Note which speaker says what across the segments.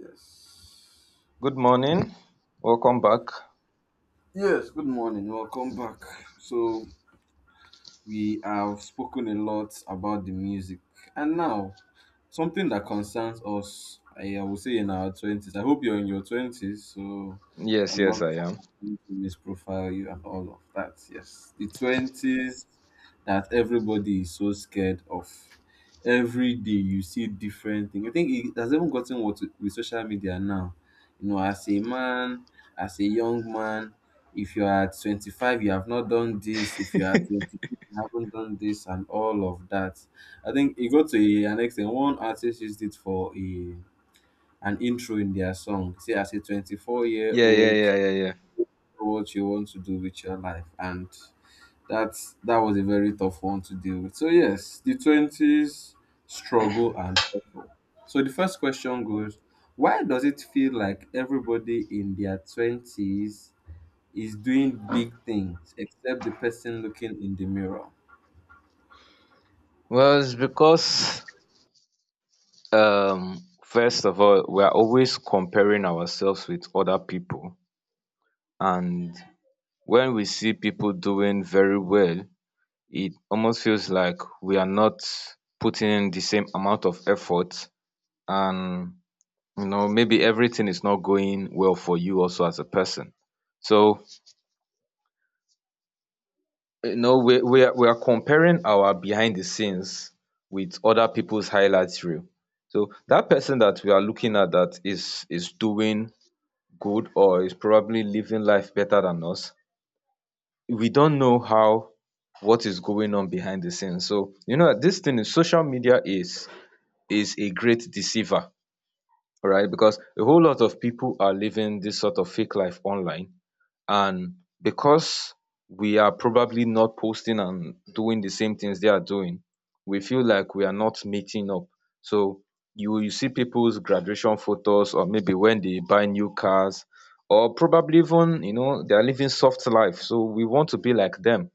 Speaker 1: Yes.
Speaker 2: Good morning. Welcome back.
Speaker 1: Yes, good morning. Welcome back. So, we have spoken a lot about the music. And now, something that concerns us, I would say in our 20s. I hope you're in your 20s, so
Speaker 2: Yes,
Speaker 1: I'm not
Speaker 2: yes, I am.
Speaker 1: going to misprofile you and all of that. Yes, the 20s that everybody is so scared of. Every day you see different thing. I think it has even gotten what with social media now. You know, as a man, as a young man, if you are 25 you have not done this, if you are 20 I haven't done this and all of that. I think it got to an extent. One artist used it for a an intro in their song. Say, as a 24 year
Speaker 2: Yeah, yeah,
Speaker 1: old,
Speaker 2: yeah, yeah, yeah.
Speaker 1: what you want to do with your life, and that was a very tough one to deal with. So yes, the 20s struggle and hustle. So the first question goes: why does it feel like everybody in their twenties is doing big things, except the person looking in the mirror?
Speaker 2: Well, it's because um first of all, we are always comparing ourselves with other people and when we see people doing very well, it almost feels like we are not putting in the same amount of effort and maybe everything is not going well for you also as a person. So we are comparing our behind the scenes with other people's highlights reel. So that person that we are looking at that is doing good or is probably living life better than us, we don't know how what is going on behind the scenes. So this thing is social media is a great deceiver, right? Because a whole lot of people are living this sort of fake life online and because we are probably not posting and doing the same things they are doing, we feel like we are not meeting up. So you will see people's graduation photos or maybe when they buy new cars or probably even, they are living soft life. So we want to be like them.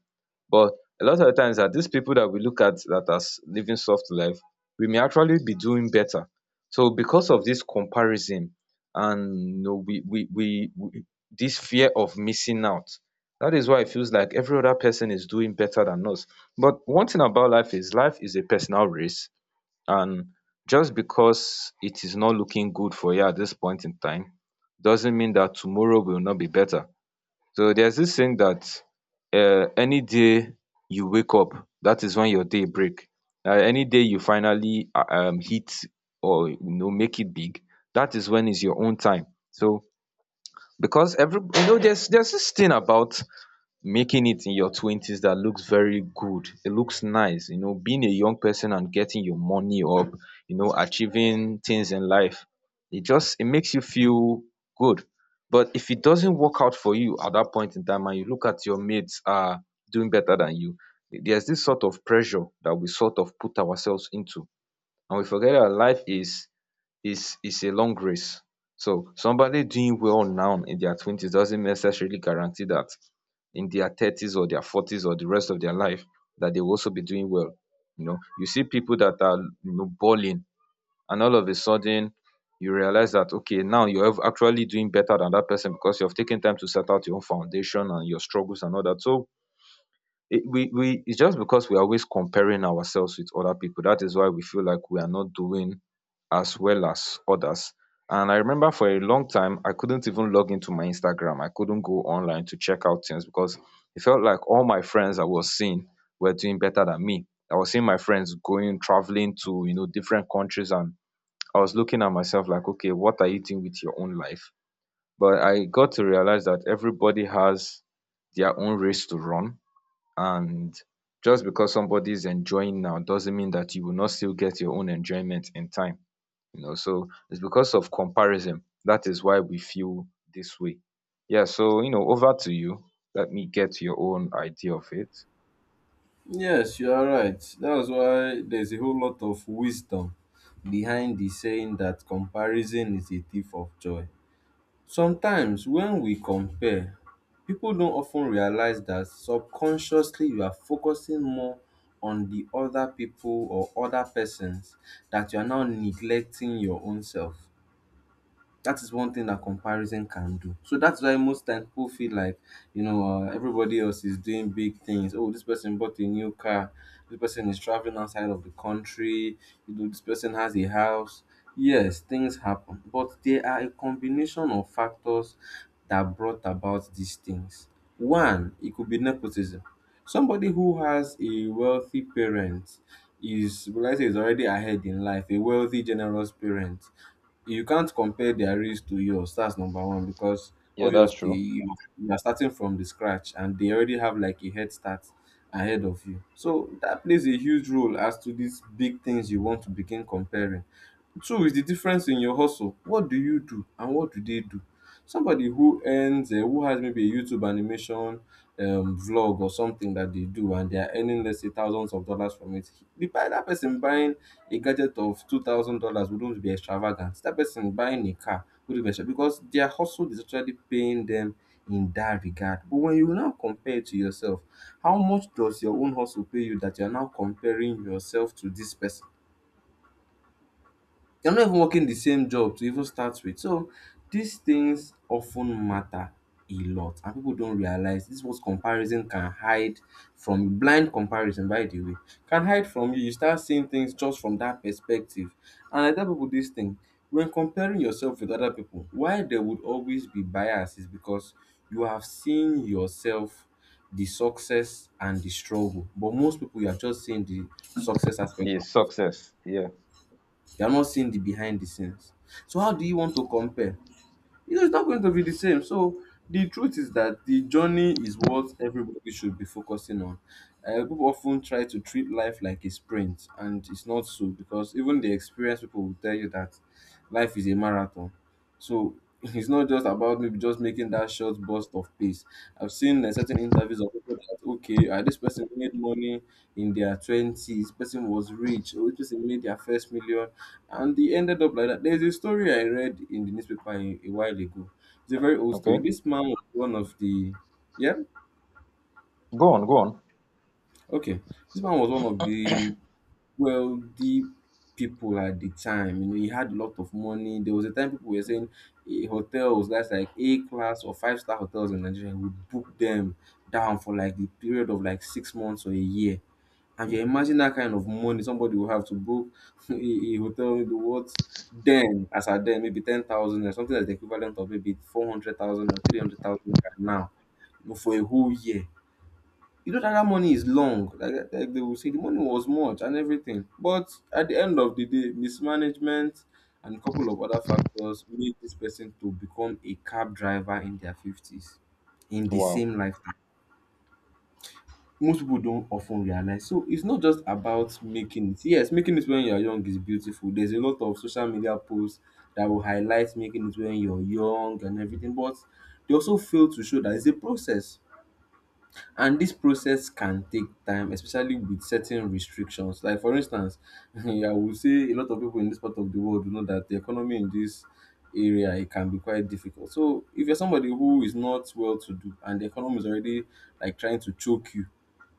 Speaker 2: But a lot of times that these people that we look at that as living soft life, we may actually be doing better. So because of this comparison and we this fear of missing out, that is why it feels like every other person is doing better than us. But one thing about life is a personal race, and just because it is not looking good for you at this point in time, doesn't mean that tomorrow will not be better. So there's this saying that any day you wake up, that is when your day break. Any day you finally hit or make it big, that is when is your own time. So because every you know there's this thing about making it in your twenties that looks very good. It looks nice. Being a young person and getting your money up, achieving things in life, it makes you feel good. But if it doesn't work out for you at that point in time and you look at your mates are doing better than you, there's this sort of pressure that we sort of put ourselves into. And we forget that life is a long race. So somebody doing well now in their twenties doesn't necessarily guarantee that in their thirties or their forties or the rest of their life that they will also be doing well. You see people that are balling and all of a sudden you realize that okay now you're actually doing better than that person because you have taken time to set out your own foundation and your struggles and all that. So it's just because we are always comparing ourselves with other people. That is why we feel like we are not doing as well as others. And I remember for a long time, I couldn't even log into my Instagram. I couldn't go online to check out things because it felt like all my friends I was seeing were doing better than me. I was seeing my friends going traveling to different countries, and I was looking at myself like, okay, what are you doing with your own life? But I got to realize that everybody has their own race to run and just because somebody is enjoying now doesn't mean that you will not still get your own enjoyment in time. So it's because of comparison, that is why we feel this way. Yeah. So over to you. Let me get your own idea of it.
Speaker 1: Yes, you are right. That's why there's a whole lot of wisdom behind the saying that comparison is a thief of joy. Sometimes when we compare, people don't often realize that subconsciously you are focusing more on the other people or other persons that you are now neglecting your own self. That is one thing that comparison can do. So that's why most times people feel like, you know, everybody else is doing big things. Oh, this person bought a new car. This person is traveling outside of the country. You know, this person has a house. Yes, things happen, but there are a combination of factors that brought about these things. One, it could be nepotism. Somebody who has a wealthy parent will I say, is already ahead in life. A wealthy, generous parent, you can't compare their race to yours. That's number one because
Speaker 2: Yeah, that's
Speaker 1: obviously
Speaker 2: true.
Speaker 1: you are starting from the scratch and they already have like a head start ahead of you. So that plays a huge role as to these big things you want to begin comparing. Two is the difference in your hustle. What do you do and what do they do? Somebody who earns, who has maybe a YouTube animation vlog or something that they do, and they are earning let's say thousands of dollars from it. The buy That person buying a gadget of $2,000 wouldn't be extravagant. That person buying a car wouldn't be extra because their hustle is actually paying them in that regard. But when you now compare it to yourself, how much does your own hustle pay you that you are now comparing yourself to this person? You're not even working the same job to even start with. So these things often matter a lot and people don't realize this is what comparison can hide from, blind comparison by the way, can hide from you. You start seeing things just from that perspective. And I tell people this thing: when comparing yourself with other people, why there would always be bias is because you have seen yourself, the success and the struggle, but most people you are just seeing the success aspect
Speaker 2: The
Speaker 1: of.
Speaker 2: success, yeah.
Speaker 1: You are not seeing the behind the scenes. So how do you want to compare? You know, it's not going to be the same. So the truth is that the journey is what everybody should be focusing on. People often try to treat life like a sprint, and it's not so because even the experienced people will tell you that life is a marathon. So it's not just about maybe just making that short burst of pace. I've seen certain interviews of people that, okay, this person made money in their twenties, person was rich, or this person made their first million and he ended up like that. There's a story I read in the newspaper a while ago. It's a very old story.
Speaker 2: Okay,
Speaker 1: This man was one of the, yeah,
Speaker 2: go on, go on.
Speaker 1: okay. This man was one of the wealthy people at the time. You know, he had a lot of money. There was a time people were saying, eh, hotels that's like A class or 5 star hotels in Nigeria would book them down for like the period of like 6 months or a year. And you imagine that kind of money, somebody will have to book a hotel, maybe what then, as at then, maybe 10,000 or something that's the equivalent of maybe 400,000 or 300,000 now, you know, for a whole year. You know that that money is long. Like they will say, the money was much and everything. But at the end of the day, mismanagement and a couple of other factors made this person to become a cab driver in their 50s in the
Speaker 2: Wow.
Speaker 1: same life most people don't often realize. So it's not just about making it. Yes, making it when you're young is beautiful. There's a lot of social media posts that will highlight making it when you're young and everything, but they also fail to show that it's a process. And this process can take time, especially with certain restrictions. Like for instance, I would say a lot of people in this part of the world know that the economy in this area, it can be quite difficult. So if you're somebody who is not well to do and the economy is already like trying to choke you,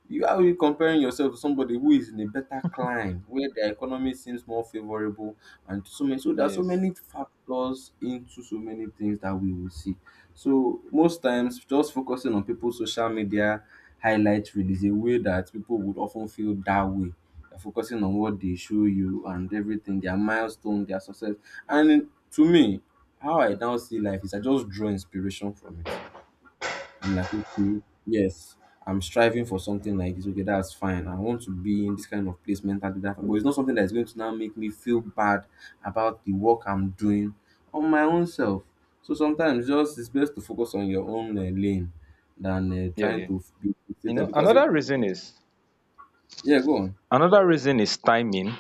Speaker 1: you, how are you comparing yourself to somebody who is in a better climb where the economy seems more favorable? And so many So there are so
Speaker 2: Yes.
Speaker 1: many factors into so many things that we will see. So most times just focusing on people's social media highlight reel is a way that people would often feel that way. They're focusing on what they show you and everything, their milestone, their success. And to me, how I now see life is I just draw inspiration from it. I'm like, okay, yes, I'm striving for something like this. Okay, that's fine. I want to be in this kind of place mentally. That, but it's not something that is going to now make me feel bad about the work I'm doing on my own self. So sometimes just it's best to focus on your own lane than
Speaker 2: Yeah,
Speaker 1: trying
Speaker 2: yeah.
Speaker 1: to be
Speaker 2: you
Speaker 1: fixated
Speaker 2: know
Speaker 1: because,
Speaker 2: another reason is
Speaker 1: yeah, go on.
Speaker 2: Another reason is timing.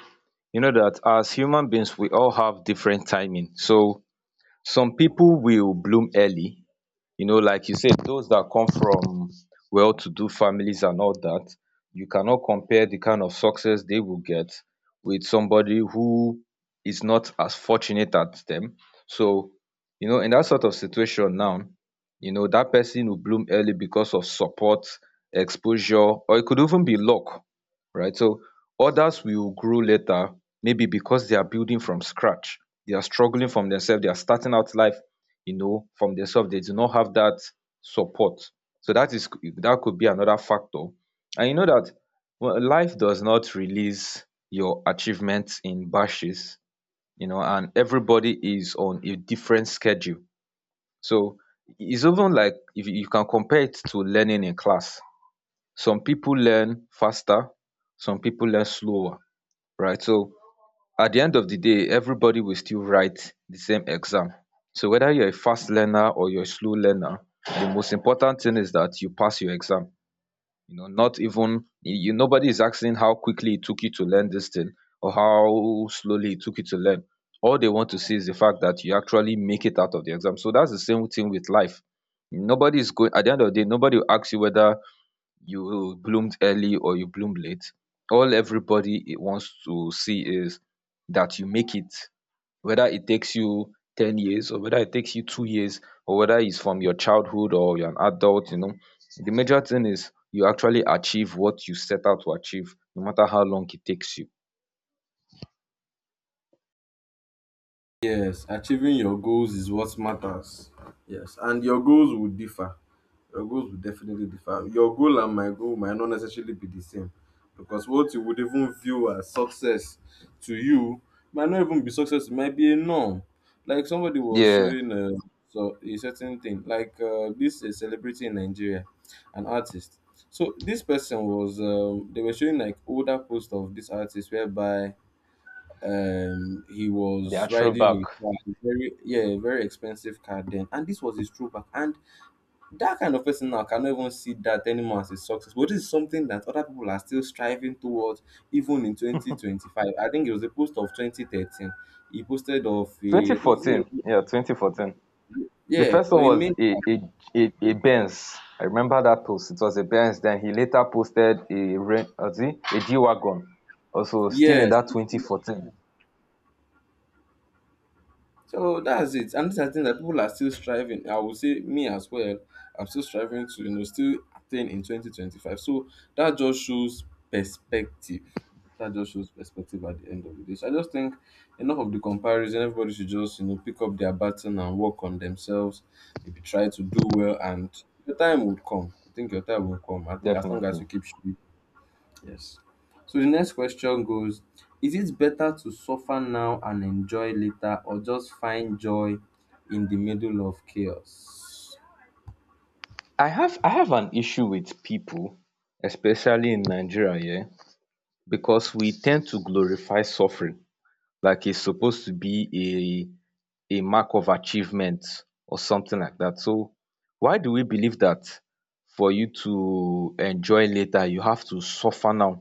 Speaker 2: You know that as human beings, we all have different timing. So some people will bloom early, like you said, those that come from well-to-do families and all that, you cannot compare the kind of success they will get with somebody who is not as fortunate as them. So, in that sort of situation now, that person will bloom early because of support, exposure, or it could even be luck, right? So others will grow later, maybe because they are building from scratch. They are struggling from themselves. They are starting out life, from themselves. They do not have that support. So that could be another factor. And you know that well, life does not release your achievements in batches, and everybody is on a different schedule. So it's even like if you can compare it to learning in class. Some people learn faster, some people learn slower, right? So at the end of the day, everybody will still write the same exam. So whether you're a fast learner or you're a slow learner, the most important thing is that you pass your exam. You know not even you nobody is asking how quickly it took you to learn this thing or how slowly it took you to learn. All they want to see is the fact that you actually make it out of the exam. So that's the same thing with life. Nobody is going at the end of the day, nobody will ask you whether you bloomed early or you bloomed late, all everybody it wants to see is that you make it. Whether it takes you 10 years or whether it takes you 2 years or whether it's from your childhood or you're an adult, the major thing is you actually achieve what you set out to achieve, no matter how long it takes you.
Speaker 1: Yes, achieving your goals is what matters. Yes, and your goals will differ. Your goals will definitely differ. Your goal and my goal might not necessarily be the same because what you would even view as success to you might not even be success, it might be a norm. Like somebody was
Speaker 2: Yeah,
Speaker 1: showing a certain thing, like, this a celebrity in Nigeria, an artist. So this person was, they were showing like older post of this artist whereby he
Speaker 2: they
Speaker 1: was
Speaker 2: are
Speaker 1: riding
Speaker 2: throwback.
Speaker 1: a car, a very, yeah, a very expensive car then, and this was his throwback. And that kind of person now cannot even see that anymore as a success, but this is something that other people are still striving towards even in 2025. I think it was a post of 2013. He posted of a, I think is it
Speaker 2: 2014.
Speaker 1: a,
Speaker 2: Yeah, 2014. The
Speaker 1: yeah,
Speaker 2: first
Speaker 1: or
Speaker 2: one
Speaker 1: he
Speaker 2: was
Speaker 1: made,
Speaker 2: a Benz. I remember that post. It was a Benz. Then he later posted, was it? A G wagon. Also, still in
Speaker 1: yes.
Speaker 2: that 2014.
Speaker 1: So that's it. And these are things that people are still striving. I would say me as well. I'm still striving to, you know, still attain in 2025. So that just shows perspective. That just shows perspective at the end of the day. So I just think enough of the comparison. Everybody should just, you know, pick up their baton and work on themselves. Maybe try to do well and your time would come. I think your time will come. I think as long as
Speaker 2: Definitely.
Speaker 1: you keep, yes. So the next question goes: is it better to suffer now and enjoy later or just find joy in the middle of chaos?
Speaker 2: I have an issue with people, especially in Nigeria, yeah, because we tend to glorify suffering like it's supposed to be a mark of achievement or something like that. So why do we believe that for you to enjoy later, you have to suffer now?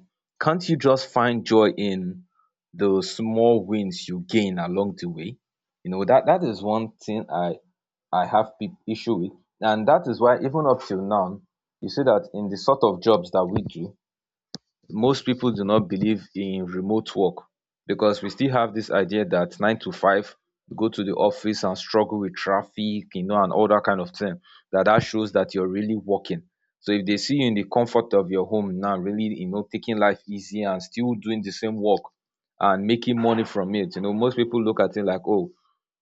Speaker 2: Can't you just find joy in the small wins you gain along the way? That is one thing I have big issue with. And that is why even up till now, you see that in the sort of jobs that we do, most people do not believe in remote work because we still have this idea that 9 to 5, you go to the office and struggle with traffic, and all that kind of thing that shows that you're really working. So if they see you in the comfort of your home now, really, taking life easy and still doing the same work and making money from it, most people look at it like, oh,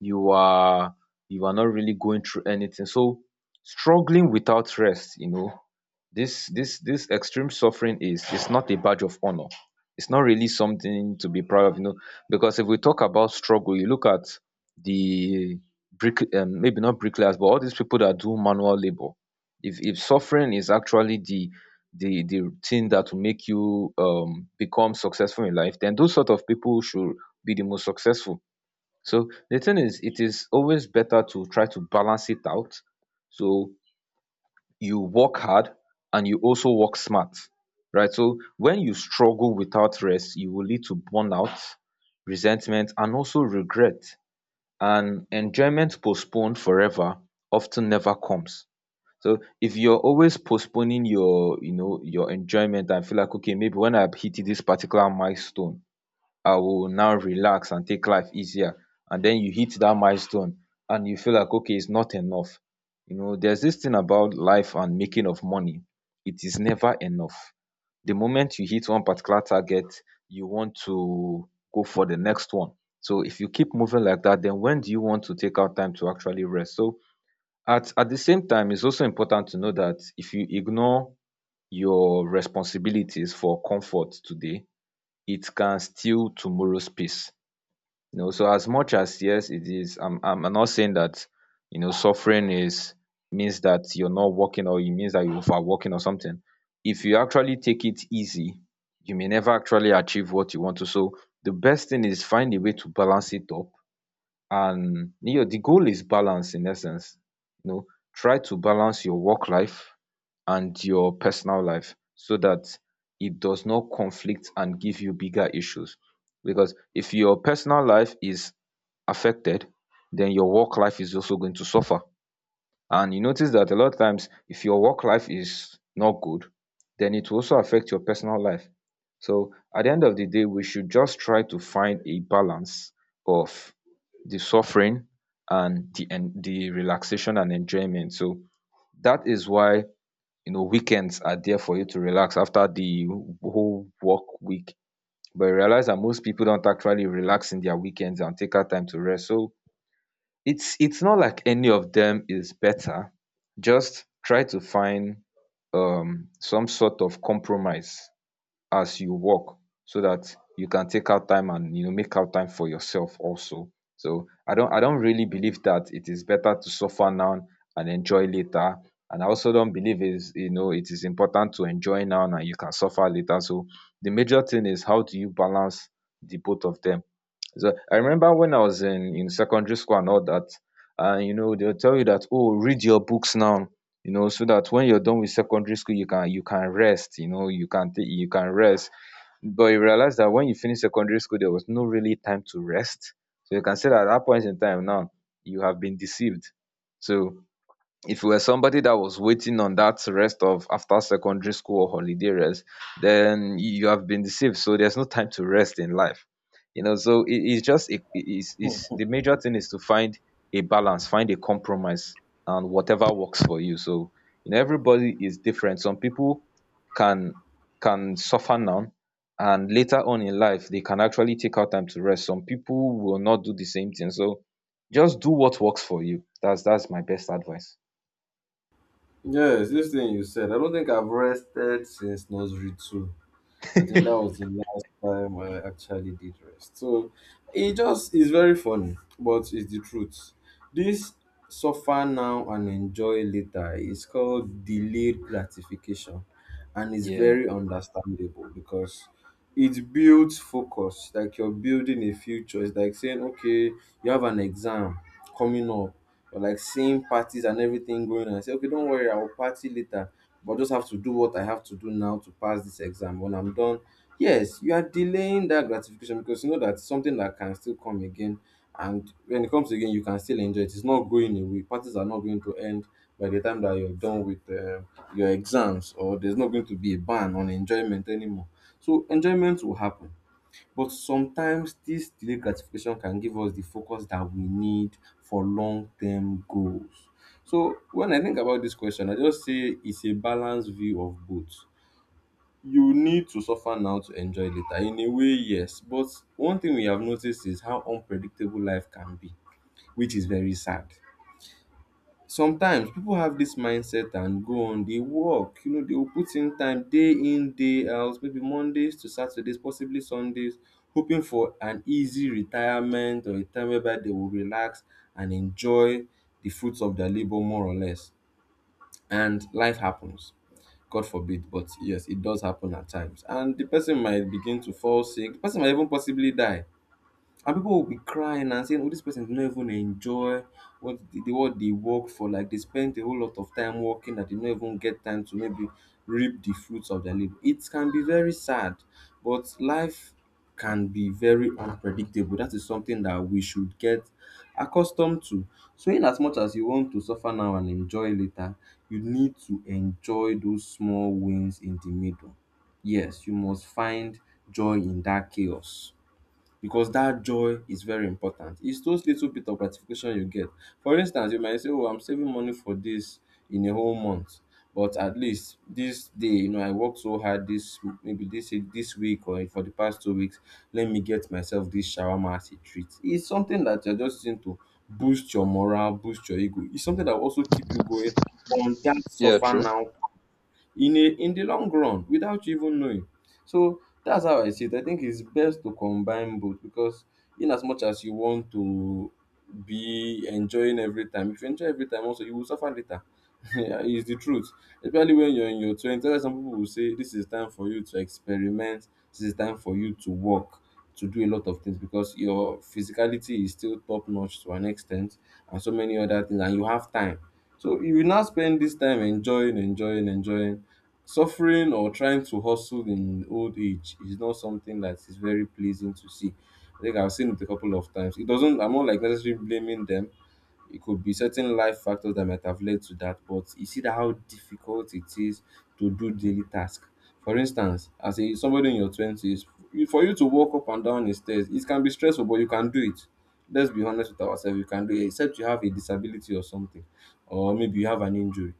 Speaker 2: you are you are not really going through anything. So struggling without rest, this extreme suffering is not a badge of honor. It's not really something to be proud of, because if we talk about struggle, you look at the brick maybe not bricklayers, but all these people that do manual labor. If suffering is actually the thing that will make you become successful in life, then those sort of people should be the most successful. So the thing is, it is always better to try to balance it out. So you work hard, and you also work smart, right? So when you struggle without rest, you will lead to burnout, resentment, and also regret. And enjoyment postponed forever often never comes. So if you're always postponing your enjoyment and feel like, okay, maybe when I've hit this particular milestone, I will now relax and take life easier. And then you hit that milestone and you feel like, okay, it's not enough. There's this thing about life and making of money. It is never enough. The moment you hit one particular target, you want to go for the next one. So if you keep moving like that, then when do you want to take out time to actually rest? So at the same time, it's also important to know that if you ignore your responsibilities for comfort today, it can steal tomorrow's peace. So as much as, yes, it is, I'm not saying that suffering is means that you're not working or it means that you're working or something. If you actually take it easy, you may never actually achieve what you want to. So the best thing is find a way to balance it up, and you know, the goal is balance in essence. You know, try to balance your work life and your personal life so that it does not conflict and give you bigger issues. Because if your personal life is affected, then your work life is also going to suffer. And you notice that a lot of times, if your work life is not good, then it will also affect your personal life. So at the end of the day, we should just try to find a balance of the suffering and the relaxation and enjoyment. So that is why you know weekends are there for you to relax after the whole work week. But I realize that most people don't actually relax in their weekends and take out time to rest. So it's not like any of them is better, just try to find some sort of compromise as you work so that you can take out time and you know make out time for yourself also. So I don't really believe that it is better to suffer now and enjoy later, and I also don't believe is you know it is important to enjoy now and you can suffer later. So the major thing is how do you balance the both of them. So I remember when I was in secondary school and all that, and you know, they'll tell you that, oh, read your books now, you know, so that when you're done with secondary school, you can rest, you know, you can rest. But you realize that when you finish secondary school, there was no really time to rest. So you can say that at that point in time now, you have been deceived. So if you were somebody that was waiting on that rest of after secondary school or holiday rest, then you have been deceived. So there's no time to rest in life. You know, so it, it's just it, it's the major thing is to find a balance, find a compromise, and whatever works for you. So you know, everybody is different. Some people can suffer now, and later on in life they can actually take out time to rest. Some people will not do the same thing. So just do what works for you. That's my best advice.
Speaker 1: Yes, this thing you said, I don't think I've rested since nursery two. I think that was the last time I actually did rest. So it just is very funny, but it's the truth. This suffer now and enjoy later is called delayed gratification and it's
Speaker 2: Yeah.
Speaker 1: very understandable because it builds focus. Like you're building a future. It's like saying, okay, you have an exam coming up. You're like seeing parties and everything going on. I say, okay, don't worry, I will party later but just have to do what I have to do now to pass this exam. When I'm done, yes, you are delaying that gratification because you know that's something that can still come again. And when it comes again, you can still enjoy it. It's not going away. Parties are not going to end by the time that you're done with your exams, or there's not going to be a ban on enjoyment anymore. So enjoyment will happen. But sometimes dis delayed gratification can give us the focus that we need for long term goals. So when I think about dis question I just say it's a balance view of both. You need to suffer now to enjoy later. In a way yes, but one thing we have noticed is how unpredictable life can be, which is very sad. Sometimes people have this mindset and go on, they work, you know, they will put in time day in day out, maybe Mondays to Saturdays, possibly Sundays, hoping for an easy retirement or a time whereby they will relax and enjoy the fruits of their labor, more or less. And life happens. God forbid, but yes, it does happen at times, and the person might begin to fall sick, the person might even possibly die, and people will be crying and saying, "Oh, this person did not even enjoy what what they work for. Like they spent a whole lot of time working that they don't even get time to maybe reap the fruits of their labor." It can be very sad, but life can be very unpredictable. That is something that we should get accustomed to. So, in as much as you want to suffer now and enjoy later, you need to enjoy those small wins in the middle. Yes, you must find joy in that chaos, because that joy is very important. It's those little bit of gratification you get. For instance, you might say, "Oh, I'm saving money for this in a whole month." But at least this day, you know, I worked so hard this maybe this week or for the past 2 weeks. Let me get myself this shawarma as a treat. It's something that you're just using to boost your morale, boost your ego. It's something that will also keep you going on that
Speaker 2: Yeah,
Speaker 1: suffer
Speaker 2: true.
Speaker 1: now in the long run without you even knowing. So that's how I see it. I think it's best to combine both, because in as much as you want to be enjoying every time, if you enjoy every time also you will suffer later. Yeah, it's the truth. Especially when you're in your twenties, that's why some people will say this is time for you to experiment, this is time for you to work, to do a lot of things because your physicality is still top notch to an extent, and so many other things, and you have time. So you will now spend this time enjoying, enjoying, enjoying. Suffering or trying to hustle in old age is not something that is very pleasing to see. I think I've seen it a couple of times. It doesn't, I'm not like necessarily blaming them, it could be certain life factors that might have led to that, but you see that how difficult it is to do daily tasks. For instance, as a somebody in your twenties, for you to walk up and down the stairs, it can be stressful, but you can do it. Let's be honest with ourselves, you can do it, except you have a disability or something, or maybe you have an injury.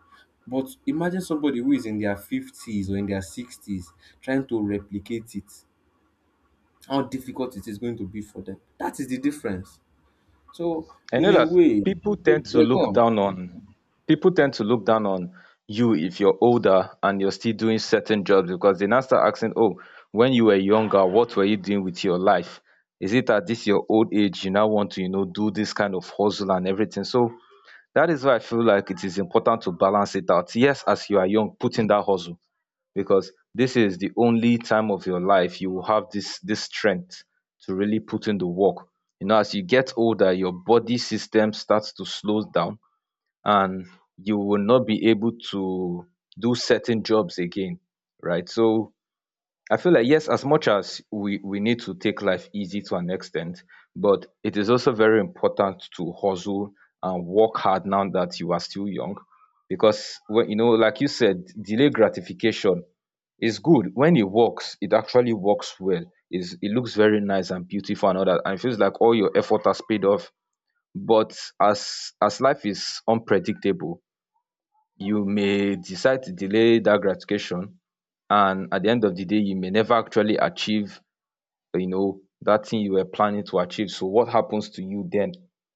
Speaker 1: But imagine somebody who is in their fifties or in their sixties trying to replicate it. How difficult it is going to be for them. That is the difference. So,
Speaker 2: I
Speaker 1: in
Speaker 2: know
Speaker 1: a
Speaker 2: that
Speaker 1: way,
Speaker 2: people tend to
Speaker 1: yeah, go
Speaker 2: look
Speaker 1: on.
Speaker 2: down on people tend to look down on you if you're older and you're still doing certain jobs because they now start asking, oh, when you were younger, what were you doing with your life? Is it at this your old age you now want to, you know, do this kind of hustle and everything? So that is why I feel like it is important to balance it out. Yes, as you are young, put in that hustle, because this is the only time of your life you will have this strength to really put in the work. You know, as you get older, your body system starts to slow down and you will not be able to do certain jobs again, right? So I feel like yes, as much as we need to take life easy to an extent, but it is also very important to hustle and work hard now that you are still young. Because when you know, like you said, delay gratification, it's good when it works, it actually works well, it looks very nice and beautiful and all that and it feels like all your effort has paid off, but as life is unpredictable, you may decide to delay that gratification, and at the end of the day you may never actually achieve you know that thing you were planning to achieve, so what happens to you then?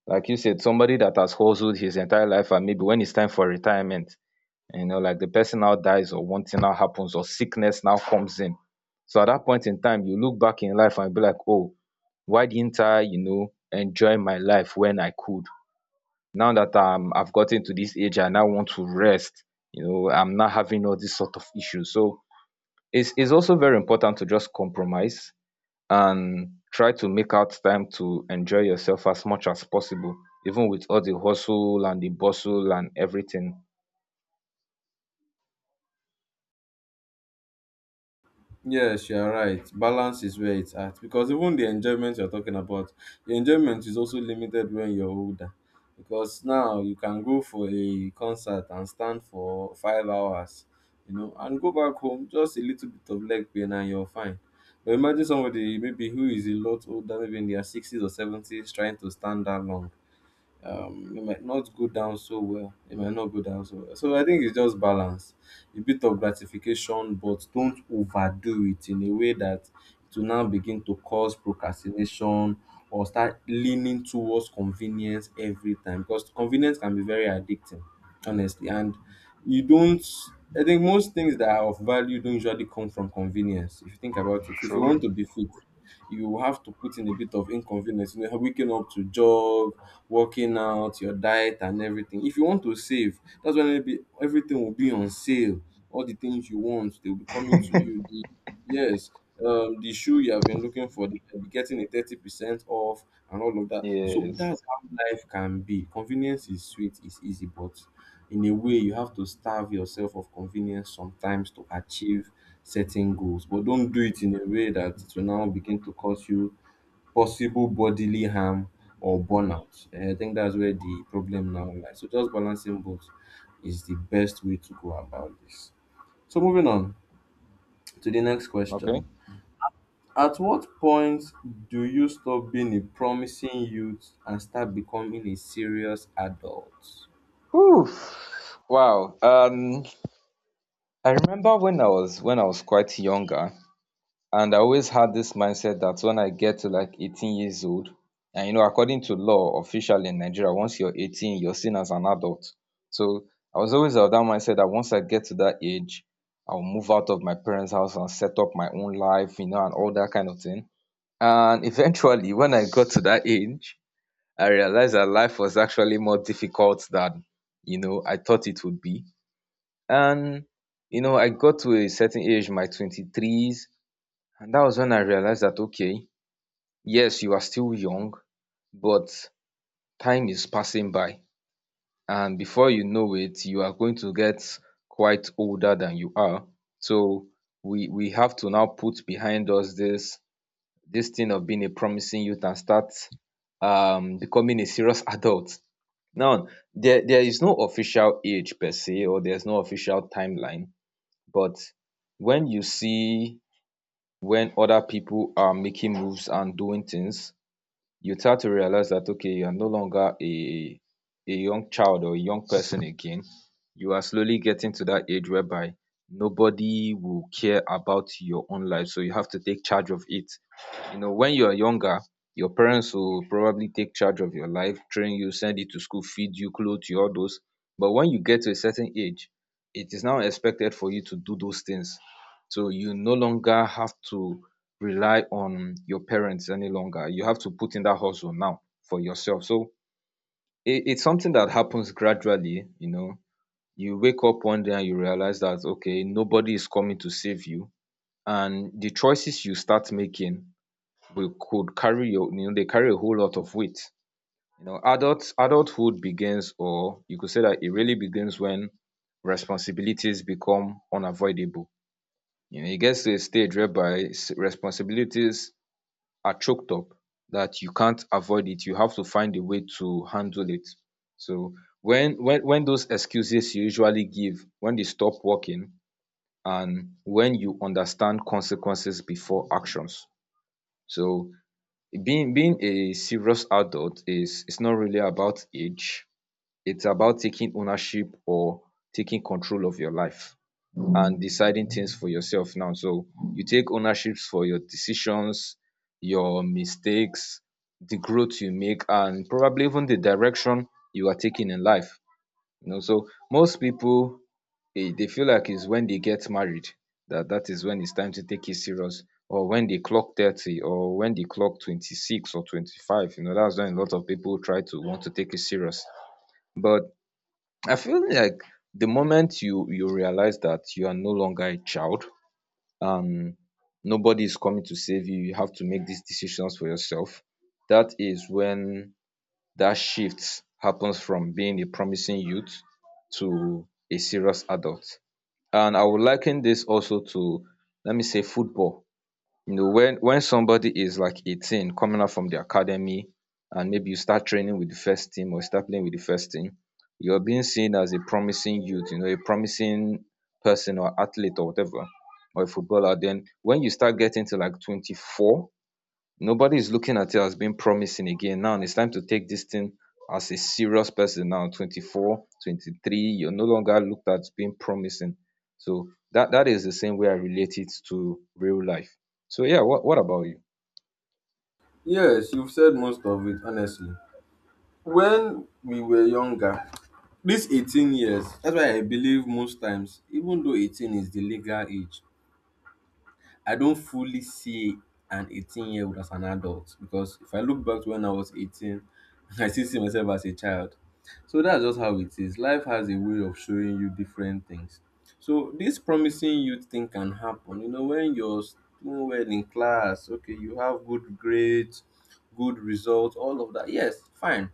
Speaker 2: Like you said, somebody that has hustled his entire life and maybe when it's time for retirement, you know, like the person now dies or one thing now happens or sickness now comes in. So at that point in time, you look back in life and be like, oh, why didn't I, you know, enjoy my life when I could? Now that I've gotten to this age and I now want to rest, you know, I'm not having all these sort of issues. So it's also very important to just compromise and try to make out time to enjoy yourself as much as possible, even with all the hustle and the bustle and everything.
Speaker 1: Yes, you are right. Balance is where it's at, because even the enjoyment you're talking about, the enjoyment is also limited when you're older. Because now you can go for a concert and stand for 5 hours, you know, and go back home just a little bit of leg pain and you're fine. But imagine somebody maybe who is a lot older, maybe in their sixties or seventies, trying to stand that long. It might not go down so well. It might not go down so well. So I think it's just balance, a bit of gratification, but don't overdo it in a way that it will now begin to cause procrastination or start leaning towards convenience every time, because convenience can be very addicting, honestly. And you don't, I think most things that are of value don't usually come from convenience. If you think about it, if you
Speaker 2: True.
Speaker 1: want to be fit, you have to put in a bit of inconvenience. You know, waking up to jog, working out, your diet and everything. If you want to save, that's when maybe everything will be on sale. All the things you want, they'll be coming to you. Yes, the shoe you have been looking for, they'll be getting a 30% off and all of that. So
Speaker 2: Yes.
Speaker 1: that's how life can be. Convenience is sweet, it's easy, but in a way, you have to starve yourself of convenience sometimes to achieve certain goals. But don't do it in a way that it will now begin to cause you possible bodily harm or burnout. And I think that's where the problem now lies. So just balancing both is the best way to go about this. So moving on to the next
Speaker 2: Okay.
Speaker 1: question. At what point do you stop being a promising youth and start becoming a serious adult?
Speaker 2: Whew, wow. I remember when I was quite younger, and I always had this mindset that when I get to like 18 years old, and you know, according to law, officially in Nigeria, once you're 18, you're seen as an adult. So I was always of that mindset that once I get to that age, I'll move out of my parents' house and set up my own life, you know, and all that kind of thing. And eventually, when I got to that age, I realized that life was actually more difficult than you know I thought it would be. And you know, I got to a certain age, my 23s, and that was when I realized that okay, yes, you are still young, but time is passing by. And before you know it, you are going to get quite older than you are. So we have to now put behind us this thing of being a promising youth and start becoming a serious adult. Now, there is no official age per se, or there's no official timeline, but when you see when other people are making moves and doing things, you start to realize that okay you are no longer a young child or a young person again. You are slowly getting to that age whereby nobody will care about your own life, so you have to take charge of it. You know, when you are younger, your parents will probably take charge of your life, train you, send you to school, feed you, clothe you, all those. But when you get to a certain age, it is now expected for you to do those things, so you no longer have to rely on your parents any longer. You have to put in that hustle now for yourself. So it's something that happens gradually, you know. You wake up one day and you realize that okay, nobody is coming to save you. And the choices you start making will could carry your you know, they carry a whole lot of weight. You know, adulthood begins, or you could say that it really begins when responsibilities become unavoidable. You know, it gets to a stage whereby responsibilities are choked up that you can't avoid it, you have to find a way to handle it. So when those excuses you usually give, when they stop working, and when you understand consequences before actions. So being a serious adult is, it's not really about age, it's about taking ownership or taking control of your life and deciding things for yourself now. So you take ownerships for your decisions, your mistakes, the growth you make, and probably even the direction you are taking in life. You know, so most people they feel like it's when they get married that that is when it's time to take it serious, or when they clock 30 or when they clock 26 or 25, you know that's when a lot of people try to want to take it serious. But I feel like the moment you realize that you are no longer a child and nobody is coming to save you, you have to make these decisions for yourself, that is when that shift happens from being a promising youth to a serious adult. And I would liken this also to, let me say, football. You know, when somebody is like 18 coming out from the academy, and maybe you start training with the first team or start playing with the first team, you're being seen as a promising youth, you know, a promising person or athlete or whatever or a footballer. Then when you start getting to like 24, nobody is looking at it as being promising again. Now it's time to take this thing as a serious person now. 20, you're no longer looked at being promising. So that is the same way I relate it to real life. So yeah, what about you?
Speaker 1: Yes, you've said most of it, honestly. When we were younger, this 18 years, that's why I believe most times, even though 18 is the legal age, I don't fully see an 18-year-old as an adult, because if I look back to when I was 18, I still see myself as a child. So that's just how it is. Life has a way of showing you different things. So this promising youth thing can happen. You know, when you're doing well in class, okay, you have good grades, good results, all of that. Yes, fine.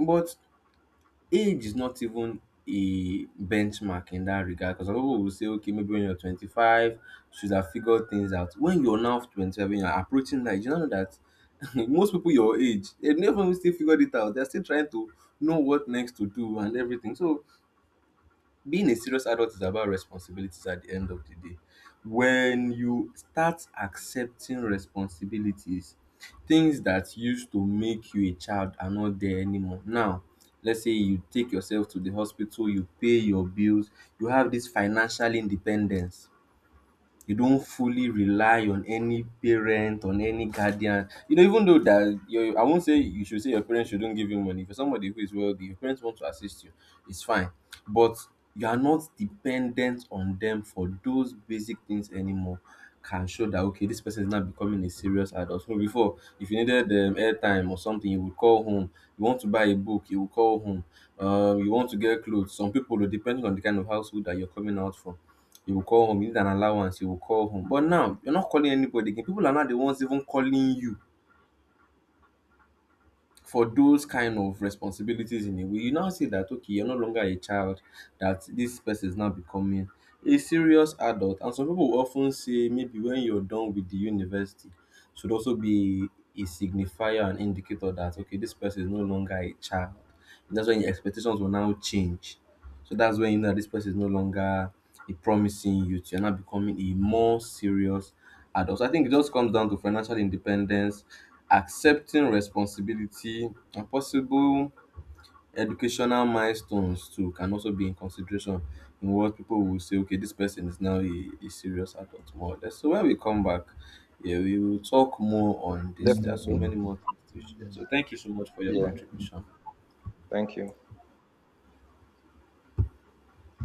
Speaker 1: But age is not even a benchmark in that regard, because some people will say, okay, maybe when you're 25, you should have figured things out. When you're now 25, when you're approaching that, you know that most people your age, they never even still figured it out. They're still trying to know what next to do and everything. So being a serious adult is about responsibilities at the end of the day. When you start accepting responsibilities, things that used to make you a child are not there anymore. Now, let's say you take yourself to the hospital, you pay your bills, you have this financial independence, you don't fully rely on any parent, on any guardian. You know, even though that your, I won't say you should say your parents shouldn't give you money. For somebody who is wealthy, your parents want to assist you, it's fine. But you are not dependent on them for those basic things anymore. Can show that okay, this person is now becoming a serious adult. So before, if you needed airtime or something, you would call home. You want to buy a book, you would call home. You want to get clothes. Some people, depending on the kind of household that you're coming out from, you will call home. You need an allowance, you will call home. But now you're not calling anybody again. People are not the ones even calling you for those kind of responsibilities, in a way, you now see that okay, you're no longer a child, that this person is now becoming a serious adult. And some people will often say maybe when you're done with the university, should also be a signifier and indicator that okay, this person is no longer a child. And that's when your expectations will now change. So that's when you know that this person is no longer a promising youth. You're now becoming a more serious adult. So I think it just comes down to financial independence, accepting responsibility, and possible educational milestones too can also be in consideration in what people will say, okay, this person is now a serious adult, more or less. So when we come back, yeah, we will talk more on this. There are so
Speaker 2: Definitely.
Speaker 1: many more things to share. So thank you so much for your
Speaker 2: Yeah.
Speaker 1: contribution.
Speaker 2: Thank you.